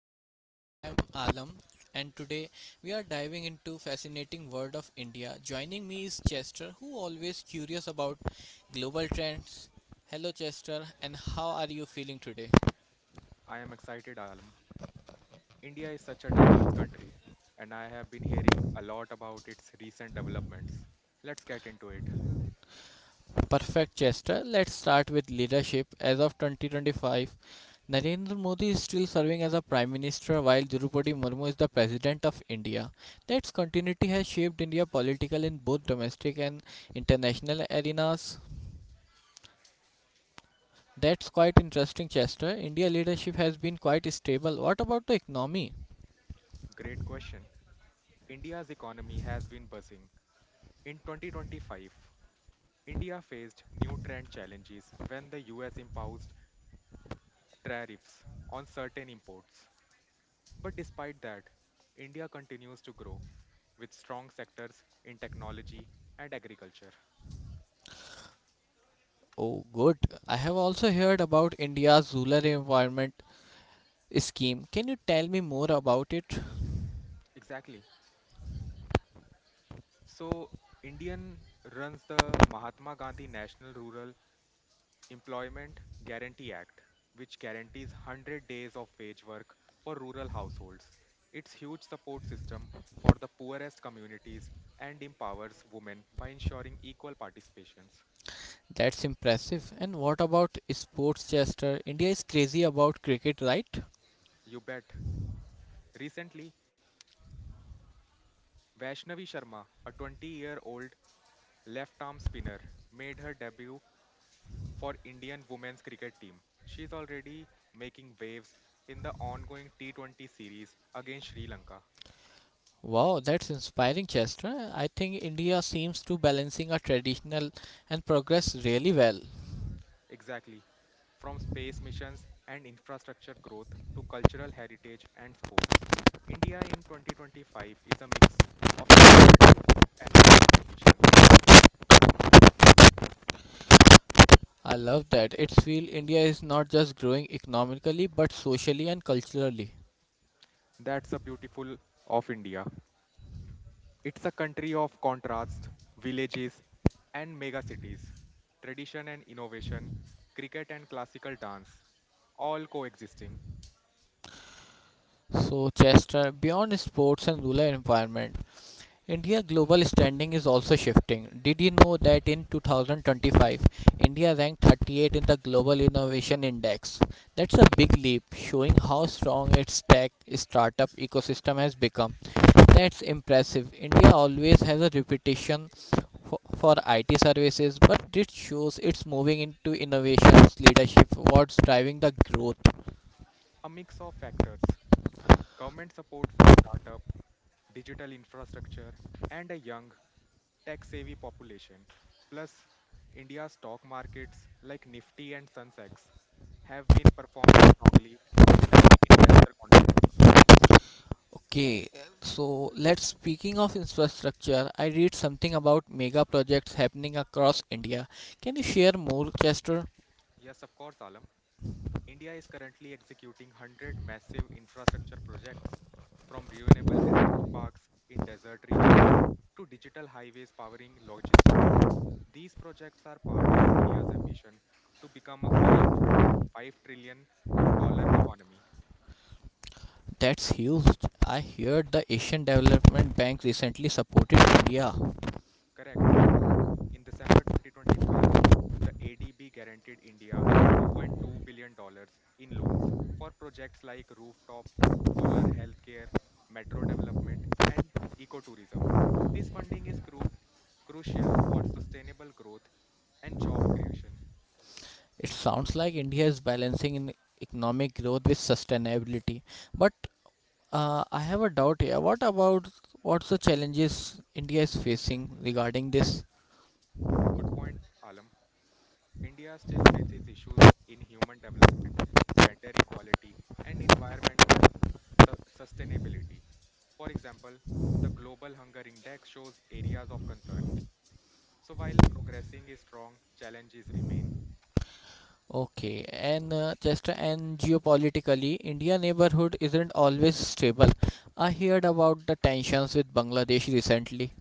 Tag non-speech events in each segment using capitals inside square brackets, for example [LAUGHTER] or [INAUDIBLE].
our show. I am Alam and today we are diving into fascinating world of India. Joining me is Chester who always curious about global trends. Hello Chester and how are you feeling today? I am excited, Alam. India is such a diverse country, and I have been hearing a lot about its recent developments. Let's get into it. Perfect Chester. Let's start with leadership. As of 2025, Narendra Modi is still serving as a prime minister while Draupadi Murmu is the president of India. That continuity has shaped India political in both domestic and international arenas. That's quite interesting, Chester. India leadership has been quite stable. What about the economy? Great question. India's economy has been buzzing. In 2025, India faced new trend challenges when the US imposed tariffs on certain imports. But despite that, India continues to grow with strong sectors in technology and agriculture. Oh, good. I have also heard about India's rural environment scheme. Can you tell me more about it? Exactly. So, Indian runs the Mahatma Gandhi National Rural Employment Guarantee Act, which guarantees 100 days of wage work for rural households. Its huge support system for the poorest communities and empowers women by ensuring equal participations. That's impressive. And what about sports, Chester? India is crazy about cricket, right? You bet. Recently, Vaishnavi Sharma, a 20-year-old left arm spinner, made her debut for Indian women's cricket team. She is already making waves in the ongoing T20 series against Sri Lanka. Wow, that's inspiring, Chester. I think India seems to balancing a traditional and progress really well. Exactly. From space missions and infrastructure growth to cultural heritage and sports, India in 2025 is a mix of ancient roots and modern ambitions. I love that. It's feel India is not just growing economically but socially and culturally. That's the beautiful of India. It's a country of contrasts, villages and megacities, tradition and innovation, cricket and classical dance, all coexisting. So, Chester, beyond sports and rural environment, India's global standing is also shifting. Did you know that in 2025, India ranked 38 in the Global Innovation Index? That's a big leap, showing how strong its tech startup ecosystem has become. That's impressive. India always has a reputation for IT services, but it shows it's moving into innovations leadership, what's driving the growth. A mix of factors: government support for startup, digital infrastructure, and a young, tech savvy population. Plus, India's stock markets like Nifty and Sensex have been performing strongly, reflecting investor confidence. Okay, so let's speaking of infrastructure, I read something about mega projects happening across India. Can you share more, Chester? Yes, of course, Alam. India is currently executing 100 massive infrastructure projects, from renewable energy parks in desert regions to digital highways powering logistics. These projects are part of India's ambition to become a 500 $5 trillion dollar economy. That's huge. I heard the Asian Development Bank recently supported India. Correct. In December 2025, the ADB guaranteed India $2.2 billion dollars in loans for projects like rooftop, solar healthcare, metro development, and ecotourism. This funding is crucial for sustainable growth and job creation. It sounds like India is balancing in economic growth with sustainability. But I have a doubt here. What about what's the challenges India is facing regarding this? Good point, Alam. India still faces issues in human development, gender equality, and environmental sustainability. For example, the Global Hunger Index shows areas of concern. So while progressing is strong, challenges remain. Okay, and Chester, and geopolitically, India neighborhood isn't always stable. I heard about the tensions with Bangladesh recently.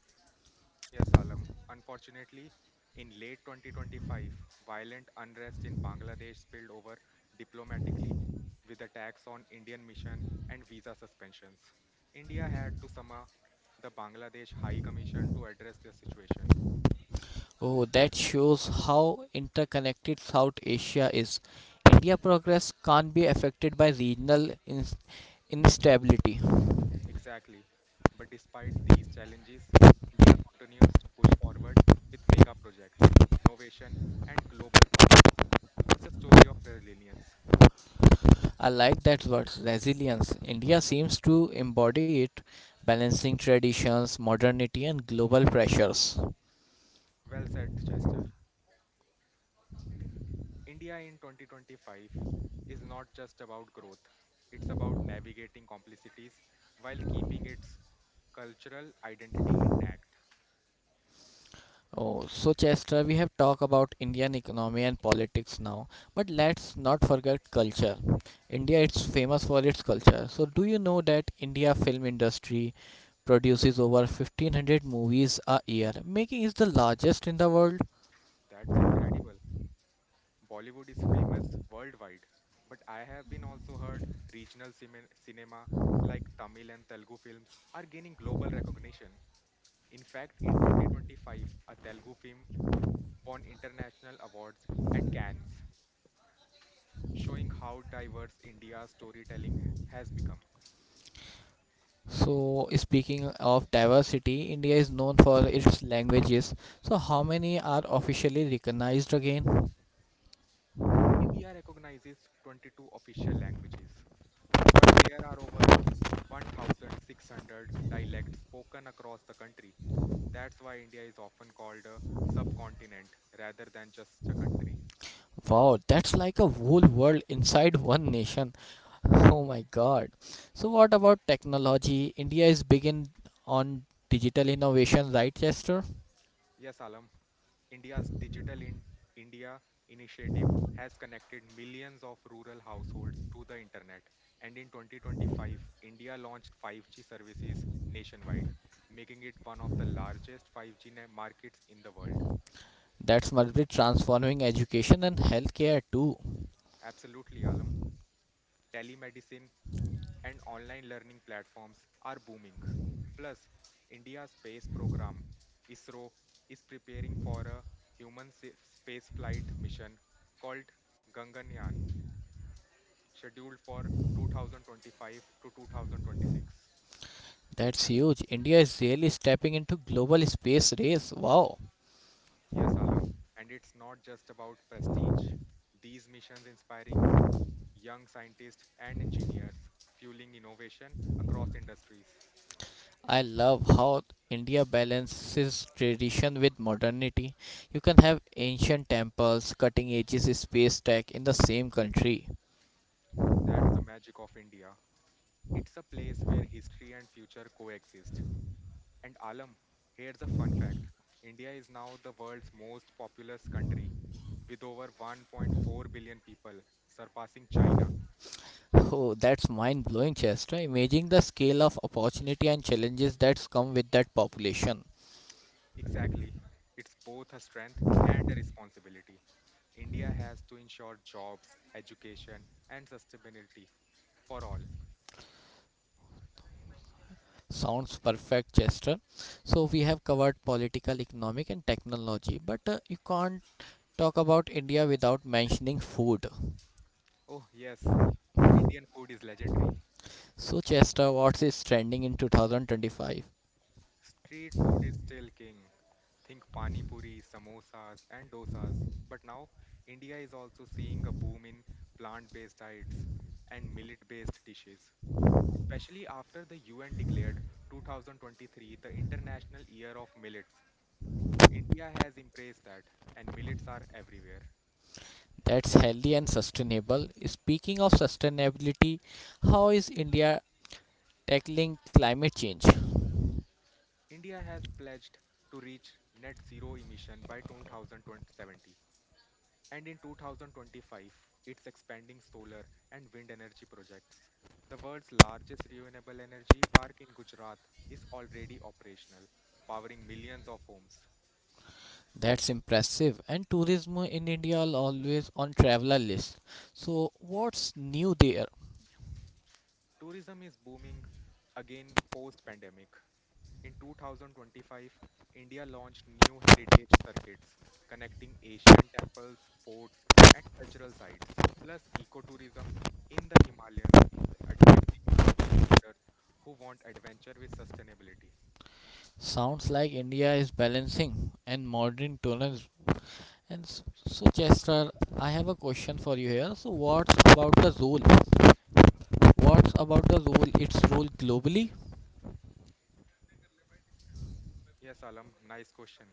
Yes, Alam. Unfortunately, in late 2025, violent unrest in Bangladesh spilled over diplomatically with attacks on Indian mission and visa suspensions. India had to summon the Bangladesh High Commission to address the situation. Oh, that shows how interconnected South Asia is. India progress can't be affected by regional instability. Exactly. But despite these challenges, India continues to push forward with mega projects, innovation, and global partnerships. It's a story of resilience. I like that word, resilience. India seems to embody it, balancing traditions, modernity, and global pressures. Well said, Chester. India in 2025 is not just about growth, it's about navigating complexities while keeping its cultural identity intact. Oh, so Chester, we have talked about Indian economy and politics now, but let's not forget culture. India is famous for its culture. So, do you know that India film industry produces over 1500 movies a year, making it the largest in the world? That's incredible. Bollywood is famous worldwide, but I have been also heard regional cinema like Tamil and Telugu films are gaining global recognition. In fact, in 2025, a Telugu film won international awards at Cannes, showing how diverse India's storytelling has become. So, speaking of diversity, India is known for its languages. So, how many are officially recognized again? India recognizes 22 official languages, but there are over 1,600 dialects spoken across the country. That's why India is often called a subcontinent rather than just a country. Wow, that's like a whole world inside one nation. [LAUGHS] Oh my God. So what about technology? India is beginning on digital innovation, right, Chester? Yes, Alam, India's Digital India initiative has connected millions of rural households to the internet. And in 2025, India launched 5G services nationwide, making it one of the largest 5G markets in the world. That's multiply transforming education and healthcare too. Absolutely, Alam. Telemedicine and online learning platforms are booming. Plus, India's space program, ISRO, is preparing for a human space mission called Ganganyaan, scheduled for 2025 to 2026. That's huge. India is really stepping into global space race. Wow. Yes, Alam, and it's not just about prestige. These missions inspiring young scientists and engineers, fueling innovation across industries. I love how India balances tradition with modernity. You can have ancient temples, cutting edges space tech in the same country. That's the magic of India. It's a place where history and future coexist. And Alam, here's a fun fact: India is now the world's most populous country with over 1.4 billion people, surpassing China. Oh, that's mind blowing, Chester. Imagine the scale of opportunity and challenges that's come with that population. Exactly. It's both a strength and a responsibility. India has to ensure jobs, education, and sustainability for all. Sounds perfect, Chester. So, we have covered political, economic, and technology, but you can't talk about India without mentioning food. Oh, yes, Indian food is legendary. So, Chester, what is trending in 2025? Street food is still king. Think pani puri, samosas, and dosas. But now, India is also seeing a boom in plant based diets and millet based dishes. Especially after the UN declared 2023 the International Year of Millets. India has embraced that, and millets are everywhere. That's healthy and sustainable. Speaking of sustainability, how is India tackling climate change? India has pledged to reach net zero emission by 2070. And in 2025, it's expanding solar and wind energy projects. The world's largest renewable energy park in Gujarat is already operational, powering millions of homes. That's impressive. And tourism in India are always on traveler list. So what's new there? Tourism is booming again post pandemic. In 2025, India launched new heritage circuits connecting Asian temples, forts, and cultural sites. Plus, ecotourism in the Himalayas is attracting global visitors who want adventure with sustainability. Sounds like India is balancing and modern tourism. And so Chester, I have a question for you here. So what's about the role? What's about the role? Its role globally. Yes, Alam, nice question.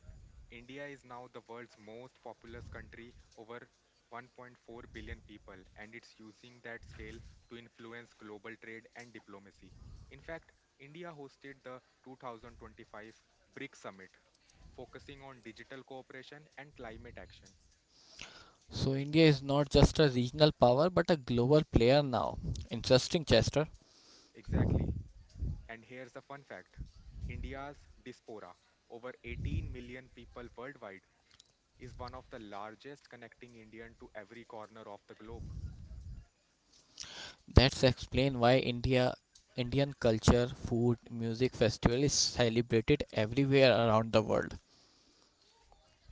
India is now the world's most populous country, over 1.4 billion people, and it's using that scale to influence global trade and diplomacy. In fact, India hosted the 2025 BRICS Summit, focusing on digital cooperation and climate action. So India is not just a regional power but a global player now. Interesting, Chester. Exactly. And here's a fun fact: India's diaspora, over 18 million people worldwide, is one of the largest, connecting Indian to every corner of the globe. That's explain why Indian culture, food, music festival is celebrated everywhere around the world.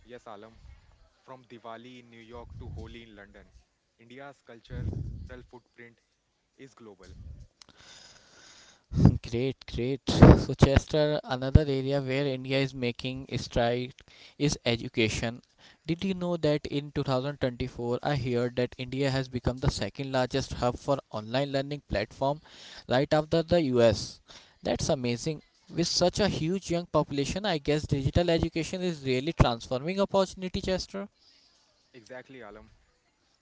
Yes, Alam. From Diwali in New York to Holi in London, India's cultural footprint is global. [LAUGHS] great, great. So Chester, another area where India is making stride is education. Did you know that in 2024 I heard that India has become the second largest hub for online learning platform right after the US. That's amazing. With such a huge young population, I guess digital education is really transforming opportunity, Chester. Exactly, Alam.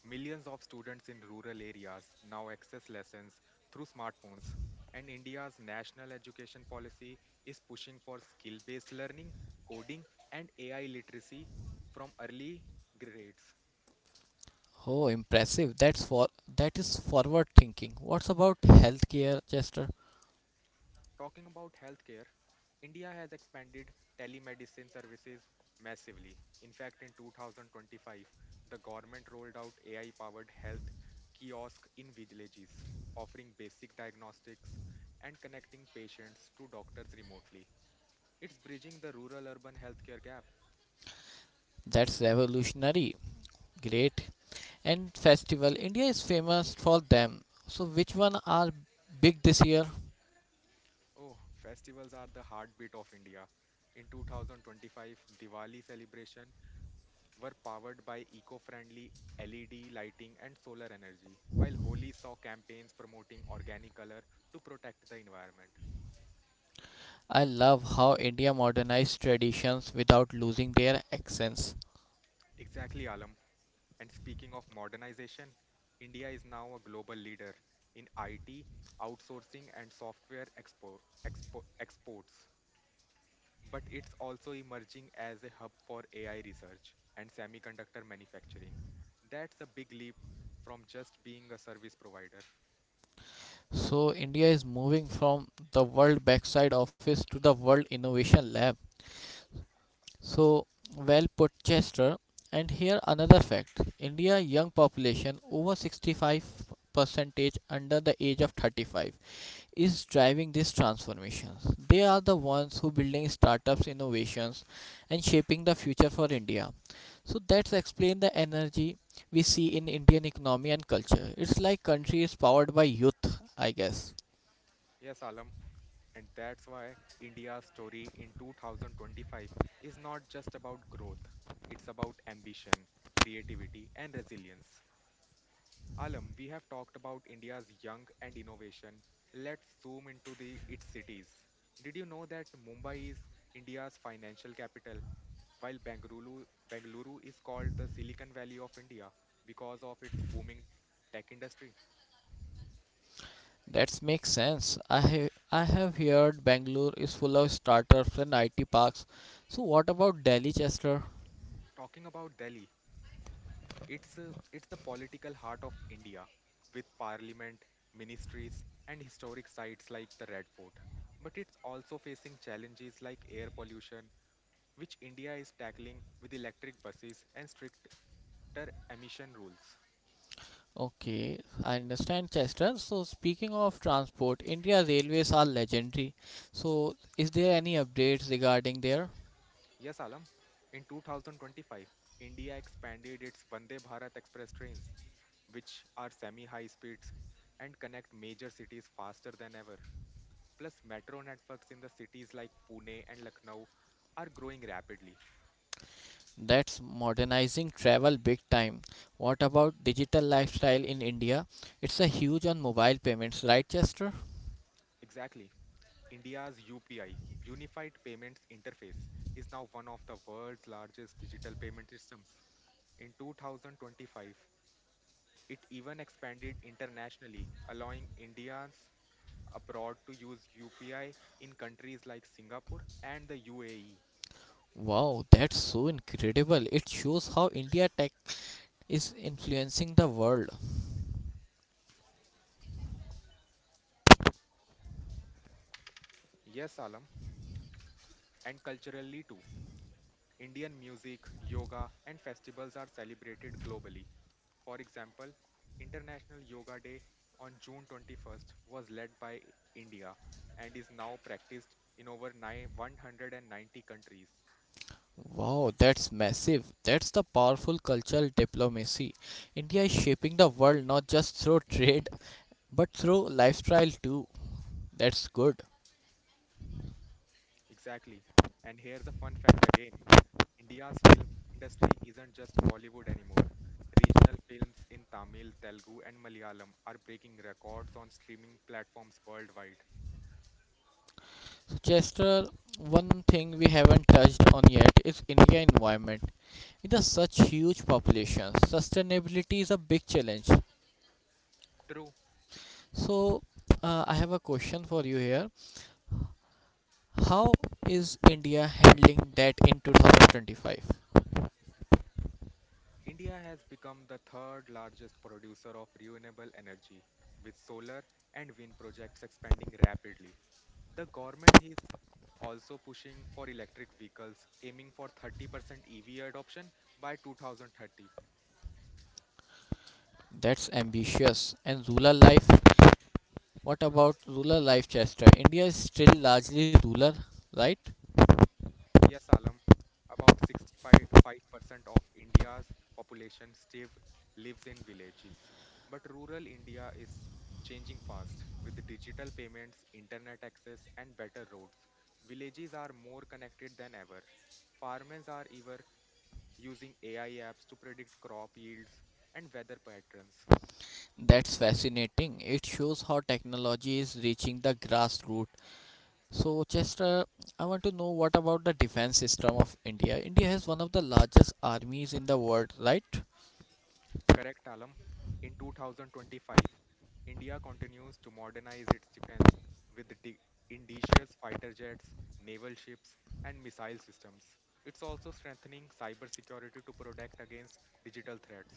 Millions of students in rural areas now access lessons through smartphones, and India's national education policy is pushing for skill based learning, coding, and AI literacy from early grades. Oh, impressive. That is forward thinking. What's about healthcare, Chester? Talking about healthcare, India has expanded telemedicine services massively. In fact, in 2025, the government rolled out AI powered health kiosk in villages, offering basic diagnostics and connecting patients to doctors remotely. It's bridging the rural urban healthcare gap. That's revolutionary. Great. And festival. India is famous for them. So which one are big this year? Oh, festivals are the heartbeat of India. In 2025, Diwali celebration were powered by eco friendly LED lighting and solar energy, while Holi saw campaigns promoting organic color to protect the environment. I love how India modernized traditions without losing their accents. Exactly, Alam. And speaking of modernization, India is now a global leader in IT, outsourcing, and software exports. But it's also emerging as a hub for AI research and semiconductor manufacturing. That's a big leap from just being a service provider. So India is moving from the world backside office to the world innovation lab. So well put, Chester. And here another fact: India young population over 65 percentage under the age of 35 is driving these transformations. They are the ones who building startups, innovations, and shaping the future for India. So that's explain the energy we see in Indian economy and culture. It's like country is powered by youth, I guess. Yes, Alam. And that's why India's story in 2025 is not just about growth, it's about ambition, creativity, and resilience. Alam, we have talked about India's young and innovation. Let's zoom into the its cities. Did you know that Mumbai is India's financial capital, while Bengaluru is called the Silicon Valley of India because of its booming tech industry? That makes sense. I have heard Bangalore is full of startups and IT parks. So what about Delhi, Chester? Talking about Delhi, It's the political heart of India, with parliament, ministries, and historic sites like the Red Fort. But it's also facing challenges like air pollution, which India is tackling with electric buses and stricter emission rules. Okay, I understand, Chester. So speaking of transport, India railways are legendary. So is there any updates regarding there? Yes, Alam, in 2025, India expanded its Vande Bharat Express trains, which are semi high speeds and connect major cities faster than ever. Plus, metro networks in the cities like Pune and Lucknow are growing rapidly. That's modernizing travel big time. What about digital lifestyle in India? It's a huge on mobile payments, right, Chester? Exactly. India's UPI, Unified Payments Interface, is now one of the world's largest digital payment systems. In 2025, it even expanded internationally, allowing Indians abroad to use UPI in countries like Singapore and the UAE. Wow, that's so incredible. It shows how India tech is influencing the world. Yes, Alam, and culturally too. Indian music, yoga, and festivals are celebrated globally. For example, International Yoga Day on June 21st was led by India and is now practiced in over 190 countries. Wow, that's massive. That's the powerful cultural diplomacy. India is shaping the world not just through [LAUGHS] trade but through lifestyle too. That's good. Exactly. And here's a fun fact again: India's film industry isn't just Bollywood anymore. Regional films in Tamil, Telugu, and Malayalam are breaking records on streaming platforms worldwide. So, Chester, one thing we haven't touched on yet is India environment. With a such huge population, sustainability is a big challenge. True, So, I have a question for you here. How is India handling that in 2025? India has become the third largest producer of renewable energy, with solar and wind projects expanding rapidly. The government is also pushing for electric vehicles, aiming for 30% EV adoption by 2030. That's ambitious. And rural life What about rural life, Chester? India is still largely rural, right? Yes, Alam. About 65% of India's population still lives in villages. But rural India is changing fast with digital payments, internet access, and better roads. Villages are more connected than ever. Farmers are even using AI apps to predict crop yields and weather patterns. That's fascinating. It shows how technology is reaching the grassroots. So, Chester, I want to know what about the defense system of India? India has one of the largest armies in the world, right? Correct, Alam. In 2025, India continues to modernize its defense with indigenous fighter jets, naval ships, and missile systems. It's also strengthening cybersecurity to protect against digital threats.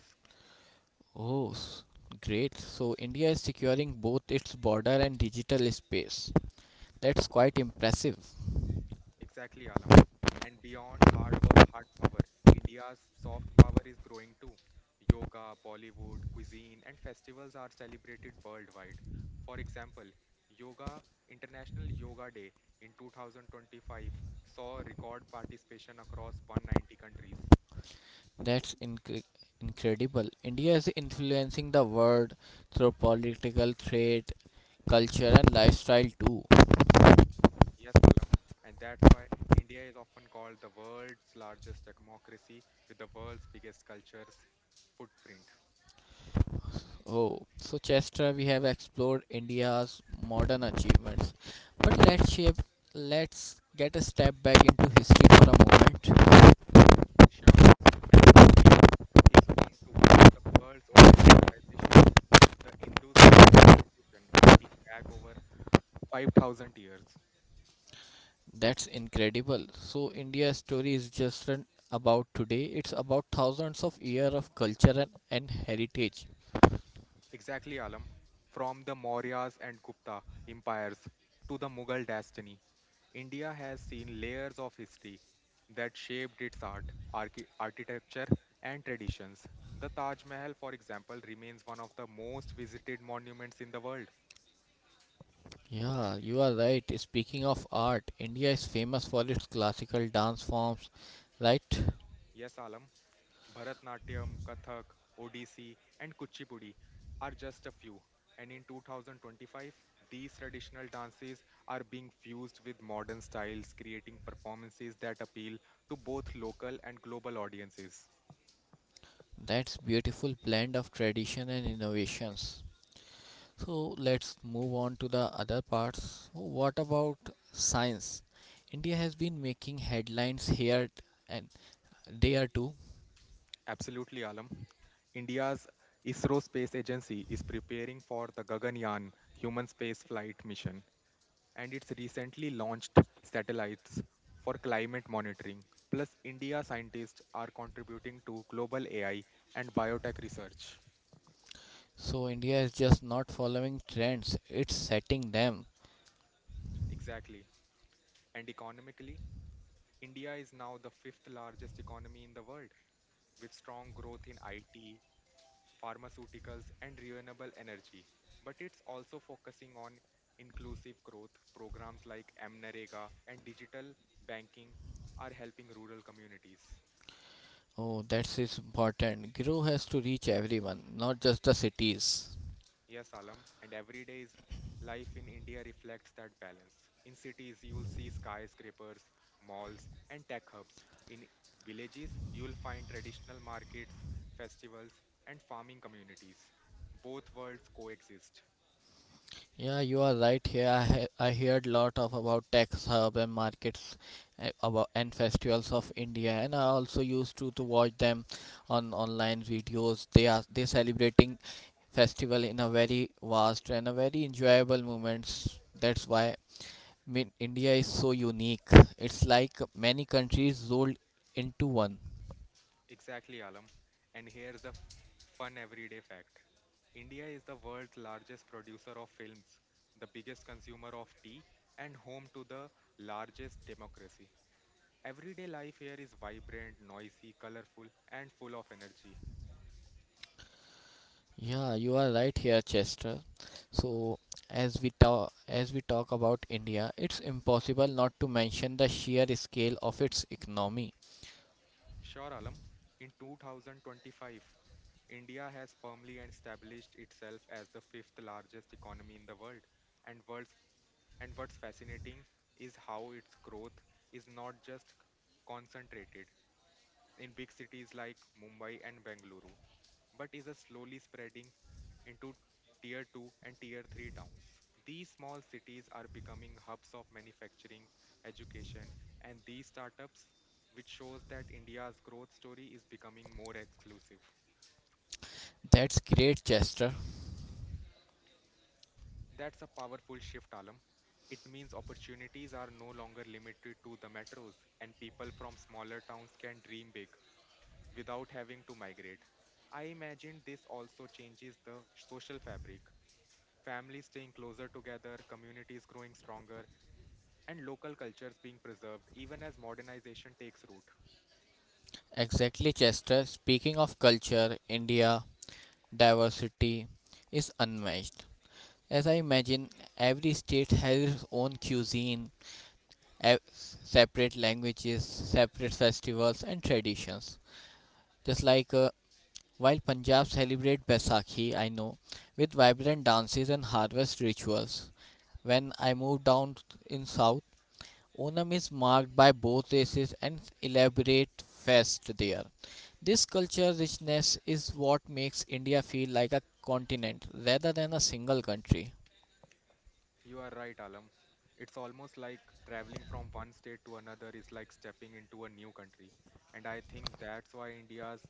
Oh, great. So, India is securing both its border and digital space. That's quite impressive. Exactly, Alam. And beyond hard power, India's soft power is growing too. Yoga, Bollywood, cuisine, and festivals are celebrated worldwide. For example, Yoga International Yoga Day in 2025 saw record participation across 190 countries. That's incre incredible. India is influencing the world through political, trade, culture, and lifestyle too. Yes, Alam. And that's why India is often called the world's largest democracy with the world's biggest cultures footprint. Oh, so Chestra, we have explored India's modern achievements, but let's get a step back into history for a moment. Sure, as India is home to one of the world's oldest civilizations, the Indus Valley Civilization, dating back over 5,000 years. That's incredible. So India's story is just an about today. It's about thousands of years of culture and heritage. Exactly, Alam. From the Mauryas and Gupta empires to the Mughal dynasty, India has seen layers of history that shaped its art, architecture, and traditions. The Taj Mahal, for example, remains one of the most visited monuments in the world. Yeah, you are right. Speaking of art, India is famous for its classical dance forms, right? Yes, Alam. Bharatnatyam, Kathak, Odissi, and Kuchipudi are just a few. And in 2025, these traditional dances are being fused with modern styles, creating performances that appeal to both local and global audiences. That's beautiful blend of tradition and innovations. So let's move on to the other parts. So, what about science? India has been making headlines here and there too. Absolutely, Alam. India's ISRO Space Agency is preparing for the Gaganyaan human space flight mission, and its recently launched satellites for climate monitoring. Plus, India scientists are contributing to global AI and biotech research. So India is just not following trends, it's setting them. Exactly. And economically, India is now the fifth largest economy in the world with strong growth in IT, pharmaceuticals, and renewable energy. But it's also focusing on inclusive growth programs like MNREGA and digital banking are helping rural communities. Oh, that is important. Grow has to reach everyone, not just the cities. Yes, Alam, and everyday's life in India reflects that balance. In cities, you'll see skyscrapers, malls, and tech hubs. In villages, you'll find traditional markets, festivals, and farming communities. Both worlds coexist. Yeah, you are right here. I heard lot of about tax hub and markets about and festivals of India, and I also used to watch them on online videos. They are they celebrating festival in a very vast and a very enjoyable moments. That's why mean India is so unique. It's like many countries rolled into one. Exactly, Alam. And here's the fun everyday fact. India is the world's largest producer of films, the biggest consumer of tea, and home to the largest democracy. Everyday life here is vibrant, noisy, colorful, and full of energy. Yeah, you are right here, Chester. So, as we talk about India, it's impossible not to mention the sheer scale of its economy. Sure, Alam, in 2025, India has firmly established itself as the fifth largest economy in the world. And, world's, and what's fascinating is how its growth is not just concentrated in big cities like Mumbai and Bengaluru, but is a slowly spreading into tier 2 and tier 3 towns. These small cities are becoming hubs of manufacturing, education, and these startups, which shows that India's growth story is becoming more exclusive. That's great, Chester. That's a powerful shift, Alam. It means opportunities are no longer limited to the metros, and people from smaller towns can dream big without having to migrate. I imagine this also changes the social fabric. Families staying closer together, communities growing stronger, and local cultures being preserved even as modernization takes root. Exactly, Chester. Speaking of culture, India diversity is unmatched. As I imagine, every state has its own cuisine, separate languages, separate festivals and traditions. Just like while Punjab celebrate Baisakhi, I know, with vibrant dances and harvest rituals. When I move down in south, Onam is marked by boat races and elaborate fest there. This culture richness is what makes India feel like a continent rather than a single country. You are right, Alam. It's almost like traveling from one state to another is like stepping into a new country. And I think that's why India's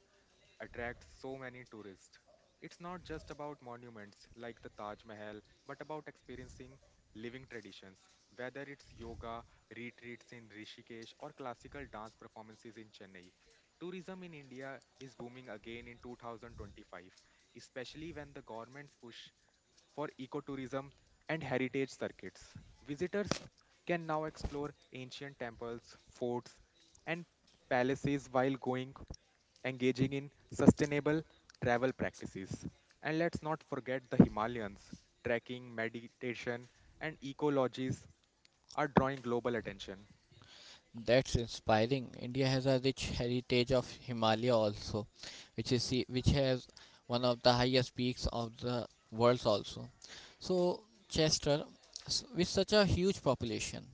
attracts so many tourists. It's not just about monuments like the Taj Mahal, but about experiencing living traditions, whether it's yoga, retreats in Rishikesh, or classical dance performances in Chennai. Tourism in India is booming again in 2025, especially when the government's push for ecotourism and heritage circuits. Visitors can now explore ancient temples, forts, and palaces while going engaging in sustainable travel practices. And let's not forget the Himalayas. Trekking, meditation, and ecologies are drawing global attention. That's inspiring. India has a rich heritage of Himalaya also, which has one of the highest peaks of the world also. So Chester, with such a huge population,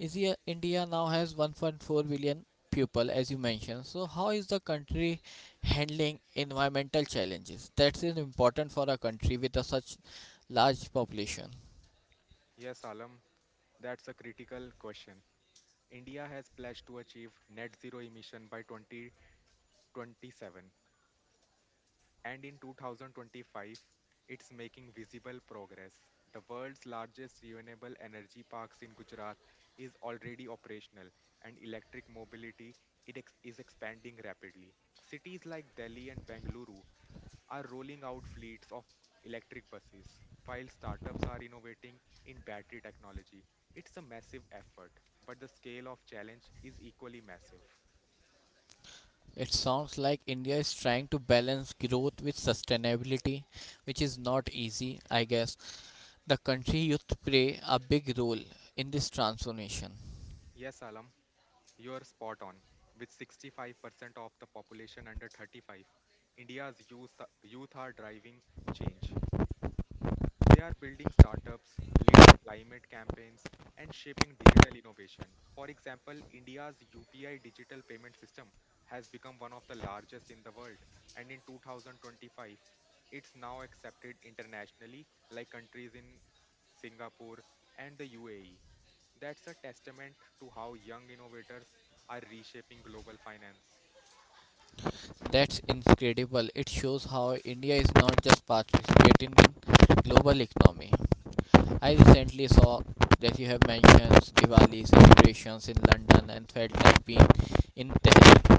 India now has 1.4 billion people, as you mentioned. So how is the country handling environmental challenges? That is important for a country with a such large population. Yes, Alam, that's a critical question. India has pledged to achieve net zero emission by 2027, and in 2025, it's making visible progress. The world's largest renewable energy parks in Gujarat is already operational, and electric mobility is expanding rapidly. Cities like Delhi and Bengaluru are rolling out fleets of electric buses, while startups are innovating in battery technology. It's a massive effort, but the scale of challenge is equally massive. It sounds like India is trying to balance growth with sustainability, which is not easy, I guess. The country youth play a big role in this transformation. Yes, Alam. You are spot on. With 65% of the population under 35, India's youth are driving change. They are building startups, leading climate campaigns, and shaping digital innovation. For example, India's UPI digital payment system has become one of the largest in the world, and in 2025, it's now accepted internationally, like countries in Singapore and the UAE. That's a testament to how young innovators are reshaping global finance. That's incredible. It shows how India is not just participating in global economy. I recently saw that you have mentioned Diwali celebrations in London and felt like being in Tehran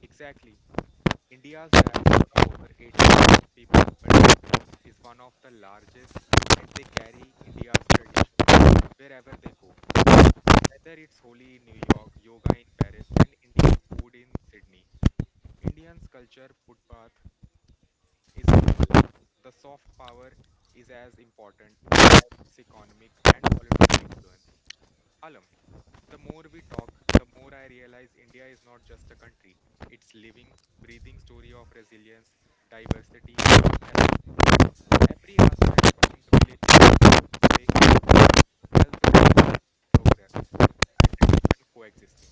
Exactly. India's diaspora, over 18 million people worldwide, is one of the largest, and they carry India's traditions wherever they go. Whether it's Holi in New York, yoga in Paris, and Indian food in Sydney, Indians' culture footpath is global. The soft power is as important as its economic and political influence. Alam, the more we talk, the more I realize India is not just a country. It's living, breathing story of resilience, diversity, and mission. Every aspect from the villages to the space program tells a tale of progress and tradition coexisting.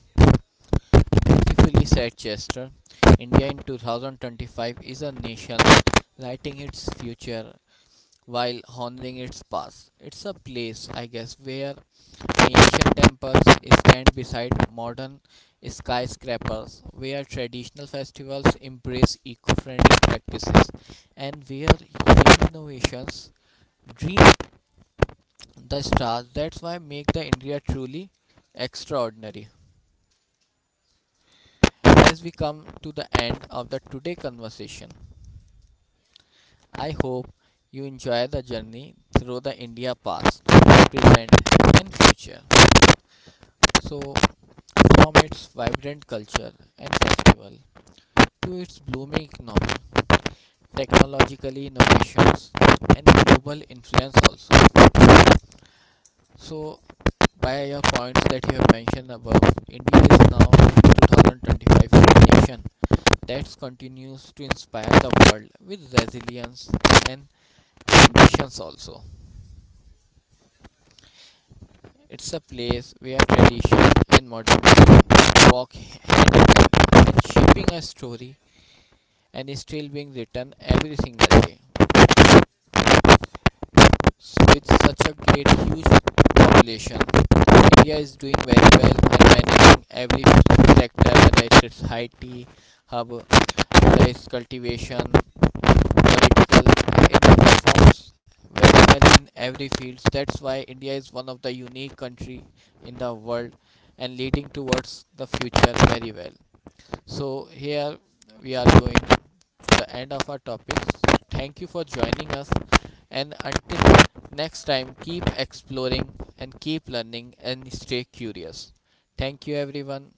beautifully said Chester. India in 2025 is a nation lighting its future while honoring its past. It's a place, I guess, where ancient temples stand beside modern skyscrapers, where traditional festivals embrace eco friendly practices, and where young innovations dream the stars. That's why make the India truly extraordinary. As we come to the end of the today conversation, I hope you enjoy the journey through the India past, present, and future. So, from its vibrant culture and festival to its blooming economy, technological innovations, and global influence also. So, by your points that you have mentioned above, India is now 2025 a nation that continues to inspire the world with resilience and ambitions also. It's a place where tradition and modernity walk hand in hand and shaping a story and is still being written every single day. So with such a great huge population, India is doing very well and managing every sector, whether it's its IT hub, whether it's cultivation, political India performs very well in every field. That's why India is one of the unique country in the world and leading towards the future very well. So here we are going to the end of our topics. Thank you for joining us and until next time keep exploring and keep learning and stay curious. Thank you everyone.